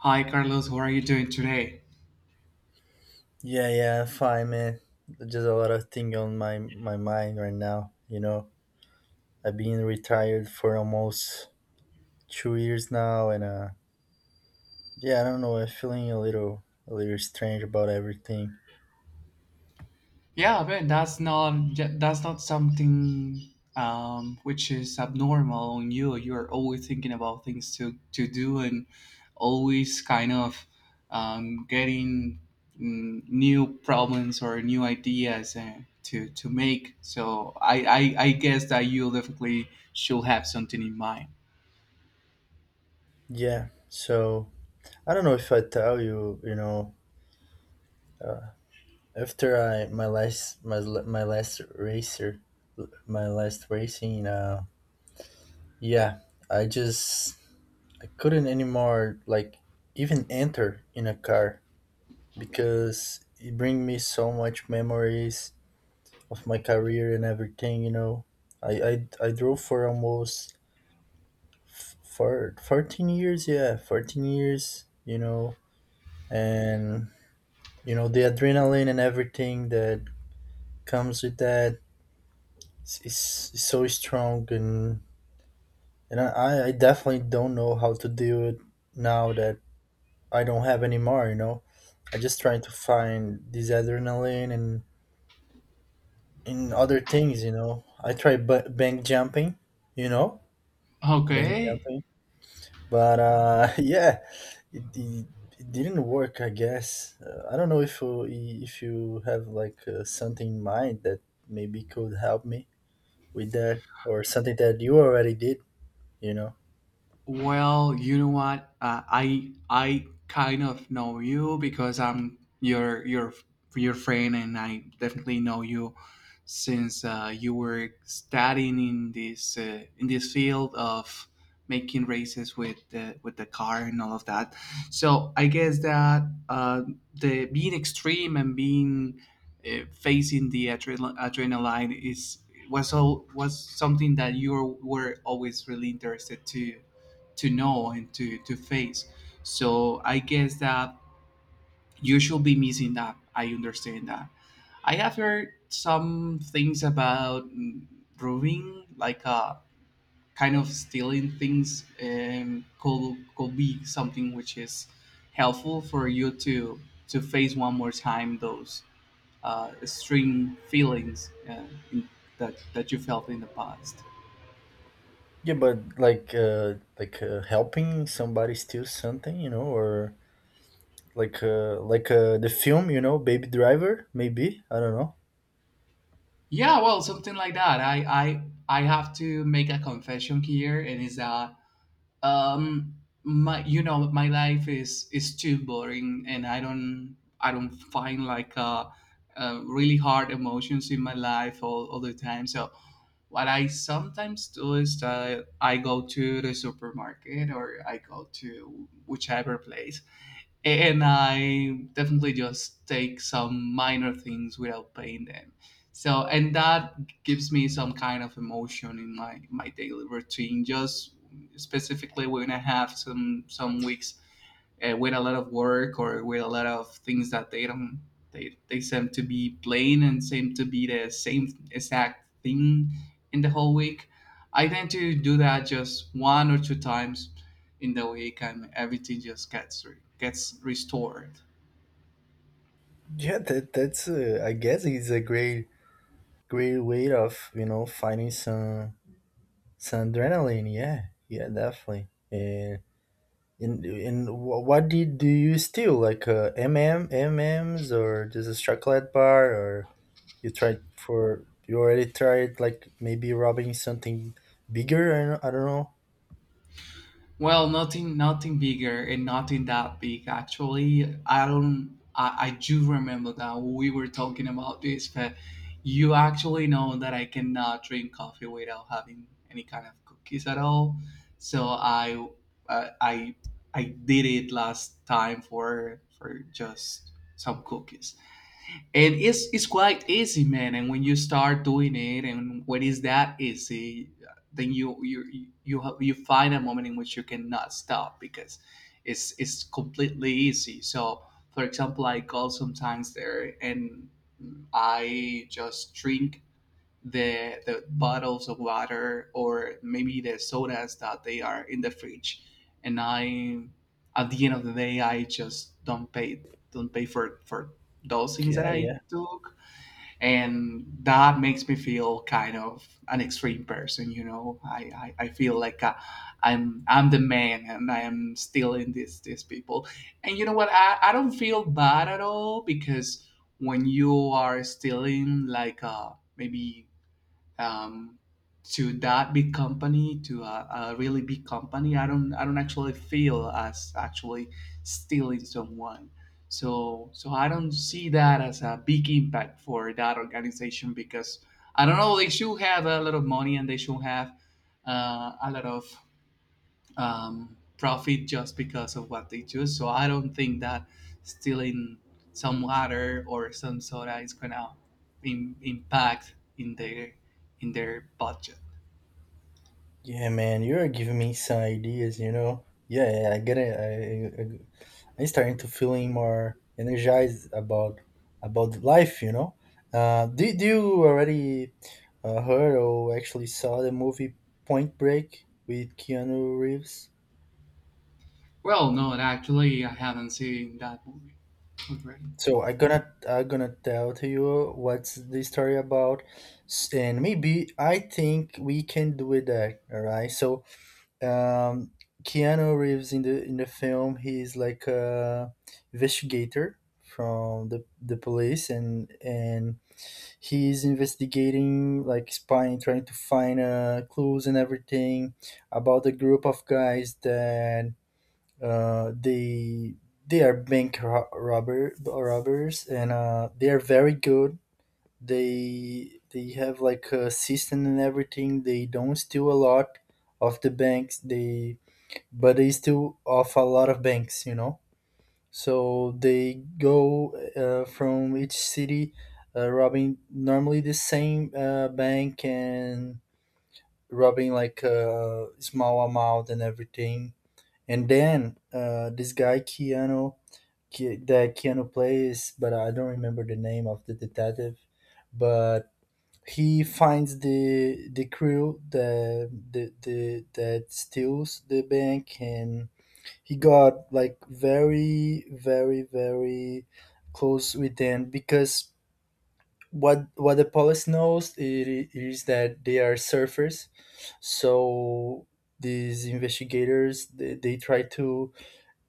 Hi Carlos, how are you doing today? Yeah, yeah, fine, man. Just a lot of thing on my mind right now. You know, I've been retired for almost 2 years now, and yeah, I don't know. I'm feeling a little strange about everything. Yeah, man, that's not something which is abnormal on you. You're always thinking about things to do and always kind of getting new problems or new ideas to make. So I guess that you definitely should have something in mind. Yeah, so I don't know if I tell you. You know, uh, after I my last my l- my last racer, my last racing. Yeah, I just I couldn't anymore like even enter in a car because it bring me so much memories of my career and everything, you know, I drove for almost for 14 years, yeah, 14 years, you know. And you know the adrenaline and everything that comes with that is so strong, and and I definitely don't know how to do it now that I don't have anymore, you know. I just trying to find this adrenaline and in other things, you know. I tried bank jumping, you know, bank Okay. jumping, but yeah, it, it, it didn't work. I guess I don't know if you have like something in mind that maybe could help me with that, or something that you already did, you know. Well, you know what? I kind of know you because I'm your friend, and I definitely know you since you were studying in this field of making races with the car and all of that. So I guess that uh, the being extreme and being facing the adrenaline is was all was something that you were always really interested to know and to face. So I guess that you should be missing that. I understand that. I have heard some things about roving, like kind of stealing things. Could be something which is helpful for you to face one more time those extreme feelings in, that you felt in the past. Yeah, but like helping somebody steal something, you know, or like the film, you know, Baby Driver, maybe I don't know. Yeah, well, something like that. I have to make a confession here, and is that um my, you know, my life is too boring, and I don't find like really hard emotions in my life all the time. So what I sometimes do is that I go to the supermarket or I go to whichever place and I definitely just take some minor things without paying them. So, and that gives me some kind of emotion in my my daily routine. Just specifically when I have some weeks with a lot of work or with a lot of things that they don't they seem to be plain and seem to be the same exact thing in the whole week. I tend to do that just one or two times in the week, and everything just gets restored. Yeah, that's I guess it's a great way of, you know, finding some adrenaline. Yeah, yeah, definitely. And what did do you steal? Like M M MMs or just a chocolate bar, or you already tried like maybe robbing something bigger? I don't know. Well, nothing, nothing bigger and nothing that big. Actually, I don't. I do remember that we were talking about this, but you actually know that I cannot drink coffee without having any kind of cookies at all. So I, uh, I, I did it last time for just some cookies, and it's quite easy, man, and when you start doing it and when it's that easy, then you find a moment in which you cannot stop because it's completely easy. So for example, I go sometimes there and I just drink the bottles of water or maybe the sodas that they are in the fridge. And I, at the end of the day, I just don't pay for those things that Yeah, I yeah, took. And that makes me feel kind of an extreme person, you know, I feel like I'm the man, and I am still in this these people. And you know what? I don't feel bad at all because when you are stealing like maybe um, to that big company, to a really big company, I don't actually feel as actually stealing someone. So I don't see that as a big impact for that organization because I don't know, they should have a lot of money and they should have a lot of profit just because of what they choose. So I don't think that stealing some water or some soda is gonna impact in their budget. yeah, man. You're giving me some ideas, you know. Yeah, yeah, I get it. I'm starting to feeling more energized about life, you know. Did you already heard or actually saw the movie Point Break with Keanu Reeves? Well, no, actually, I haven't seen that movie already. So I'm gonna tell to you what's the story about, and maybe I think we can do with that. All right. So um, Keanu Reeves in the film, he's like a investigator from the police, and he's investigating like spying, trying to find clues and everything about a group of guys that uh, they they are bank robbers, and they are very good. They have like a system and everything. They don't steal a lot of the banks, they but they steal off a lot of banks, you know. So they go from each city, robbing normally the same bank, and robbing like a small amount and everything. And then this guy Keanu, Ke- that Keanu plays, but I don't remember the name of the detective, but he finds the crew that the that steals the bank, and he got like very very close with them because what the police knows is that they are surfers. So these investigators, they try to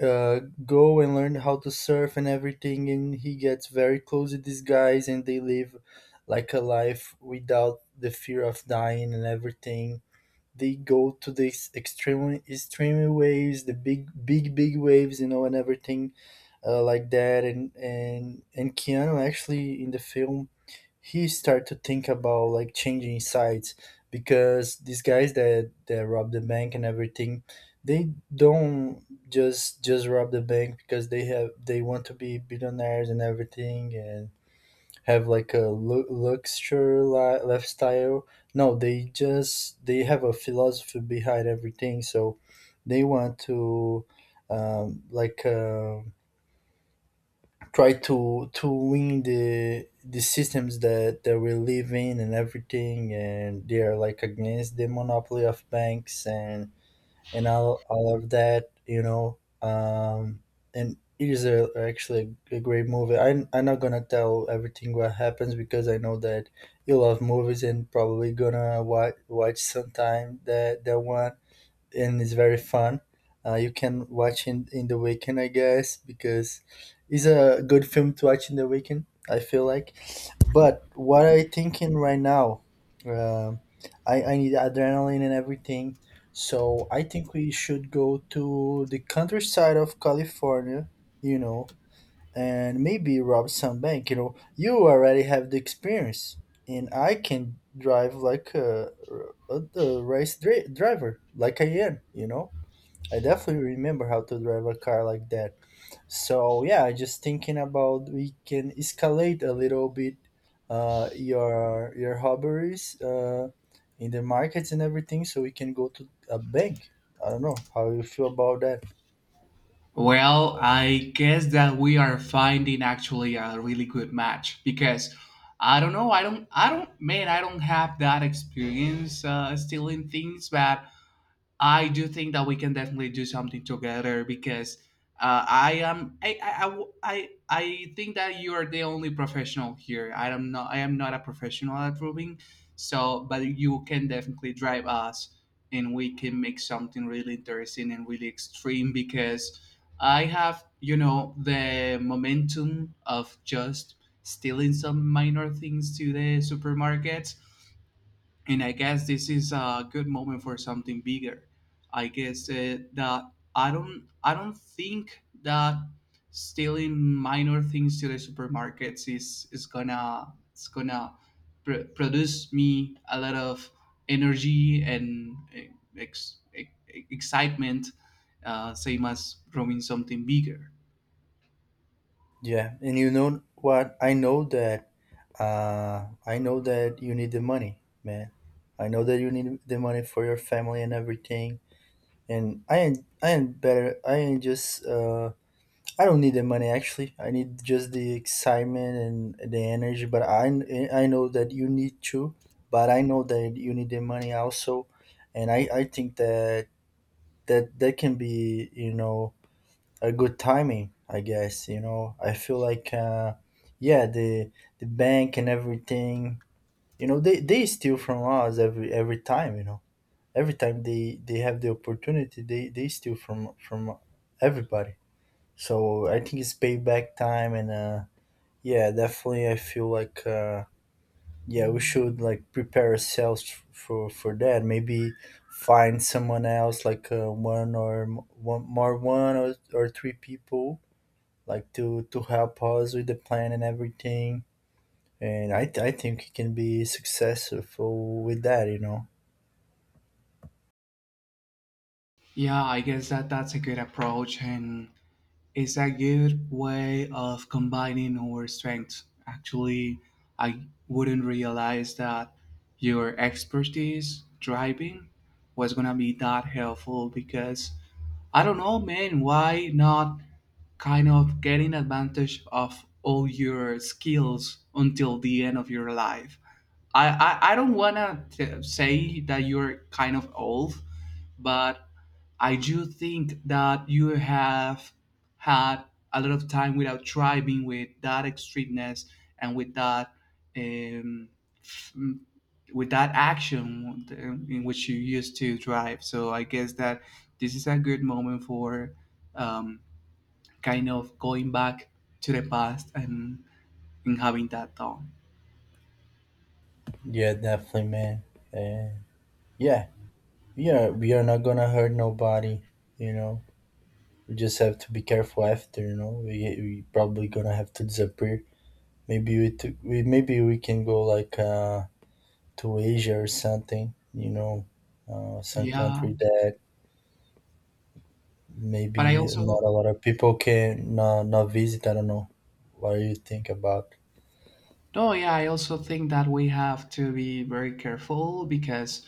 uh, go and learn how to surf and everything, and he gets very close with these guys, and they live like a life without the fear of dying and everything. They go to these extreme waves, the big big waves, you know, and everything like that. And keanu actually in the film, he start to think about like changing sides, because these guys that rob the bank and everything, they don't just rob the bank because they want to be billionaires and everything and have like a luxury lifestyle. No, they just they have a philosophy behind everything. So they want to um, like uh, try to win the systems that we live in and everything, and they are like against the monopoly of banks, and all of that, you know. And it is a, actually a great movie. I'm not gonna tell everything what happens, because I know that you love movies and probably gonna watch, watch sometime that one. And it's very fun. You can watch in the weekend, I guess, because it's a good film to watch in the weekend, I feel like. But what I thinking right now, um I need adrenaline and everything. So I think we should go to the countryside of California, you know, and maybe rob some bank. You know, you already have the experience, and I can drive like a race driver, like I am, you know. I definitely remember how to drive a car like that. So yeah, just thinking about we can escalate a little bit your hobbies in the markets and everything, so we can go to a bank. I don't know how you feel about that. Well, I guess that we are finding actually a really good match because I don't know, I don't, man, I don't have that experience stealing things, but I do think that we can definitely do something together because I am I think that you are the only professional here. I am not a professional at roving, so but you can definitely drive us, and we can make something really interesting and really extreme because I have, you know, the momentum of just stealing some minor things to the supermarkets. And I guess this is a good moment for something bigger. I guess that I don't think that stealing minor things to the supermarkets is gonna it's gonna produce me a lot of energy and ex- ex- excitement, same as growing something bigger. Yeah, and you know what? I know that you need the money, man. I know that you need the money for your family and everything. And I am better. I am just. I don't need the money actually. I need just the excitement and the energy. But I know that you need to. But I know that you need the money also, and I think that that can be, you know, a good timing. I guess, you know, I feel like yeah, the bank and everything, you know, they steal from us every time, you know. Every time they have the opportunity, they steal from everybody. So I think it's payback time. And yeah, definitely I feel like yeah, we should like prepare ourselves for that. Maybe find someone else, like one more, or three people like to help us with the plan and everything. And I think it can be successful with that, you know. Yeah, I guess that that's a good approach, and it's a good way of combining our strengths. Actually, I wouldn't realize that your expertise driving was gonna be that helpful because I don't know, man, why not kind of getting advantage of all your skills until the end of your life? I don't wanna say that you're kind of old, but I do think that you have had a lot of time without driving with that extremeness and with that um, f- m- with that action in which you used to drive. So I guess that this is a good moment for um, kind of going back to the past and having that done. Yeah, definitely, man. And yeah, yeah, we are not gonna hurt nobody, you know. We just have to be careful after, you know. We probably gonna have to disappear. Maybe we can go like to Asia or something, you know, some Yeah, country that but maybe I not a also… lot of people can not visit. I don't know. What do you think about? No, yeah, I also think that we have to be very careful because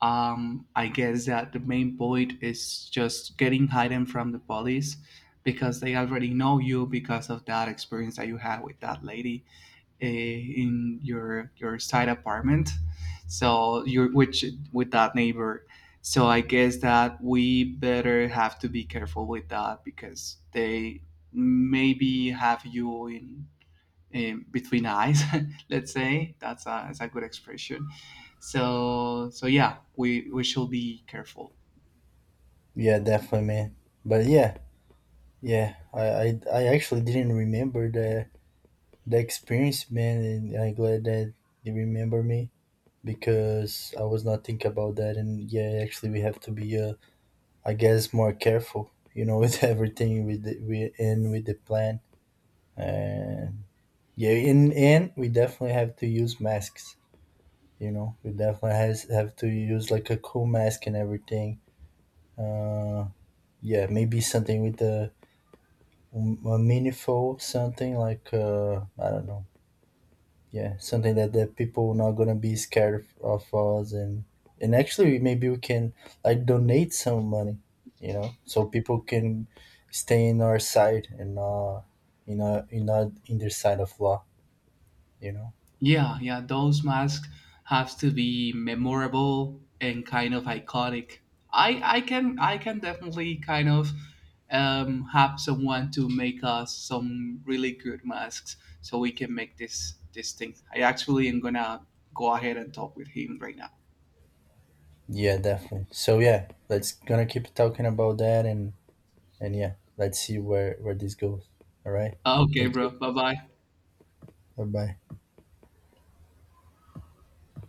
I guess that the main point is just getting hidden from the police because they already know you because of that experience that you had with that lady in your side apartment. So you which with that neighbor. So I guess that we better have to be careful with that because they maybe have you in, between eyes let's say that's a good expression. So, so yeah, we should be careful. Yeah, definitely, man. But yeah, yeah, I actually didn't remember the experience, man, and I'm glad that you remember me, because I was not thinking about that. And yeah, actually, we have to be, I guess, more careful, you know, with everything, with the, we and with the plan. And yeah, in and we definitely have to use masks. You know, we definitely has have to use like a cool mask and everything. Uh, yeah, maybe something with a meaningful something, like I don't know. Yeah, something that the people not gonna be scared of us, and actually maybe we can like donate some money, you know, so people can stay in our side and not in our in not in their side of law, you know. Yeah, yeah, those masks have to be memorable and kind of iconic. I can definitely kind of have someone to make us some really good masks, so we can make this thing. I actually am gonna go ahead and talk with him right now. Yeah, definitely. So yeah, let's gonna keep talking about that, and yeah, let's see where this goes. All right, Okay, thank you. bro, bye bye. Bye bye.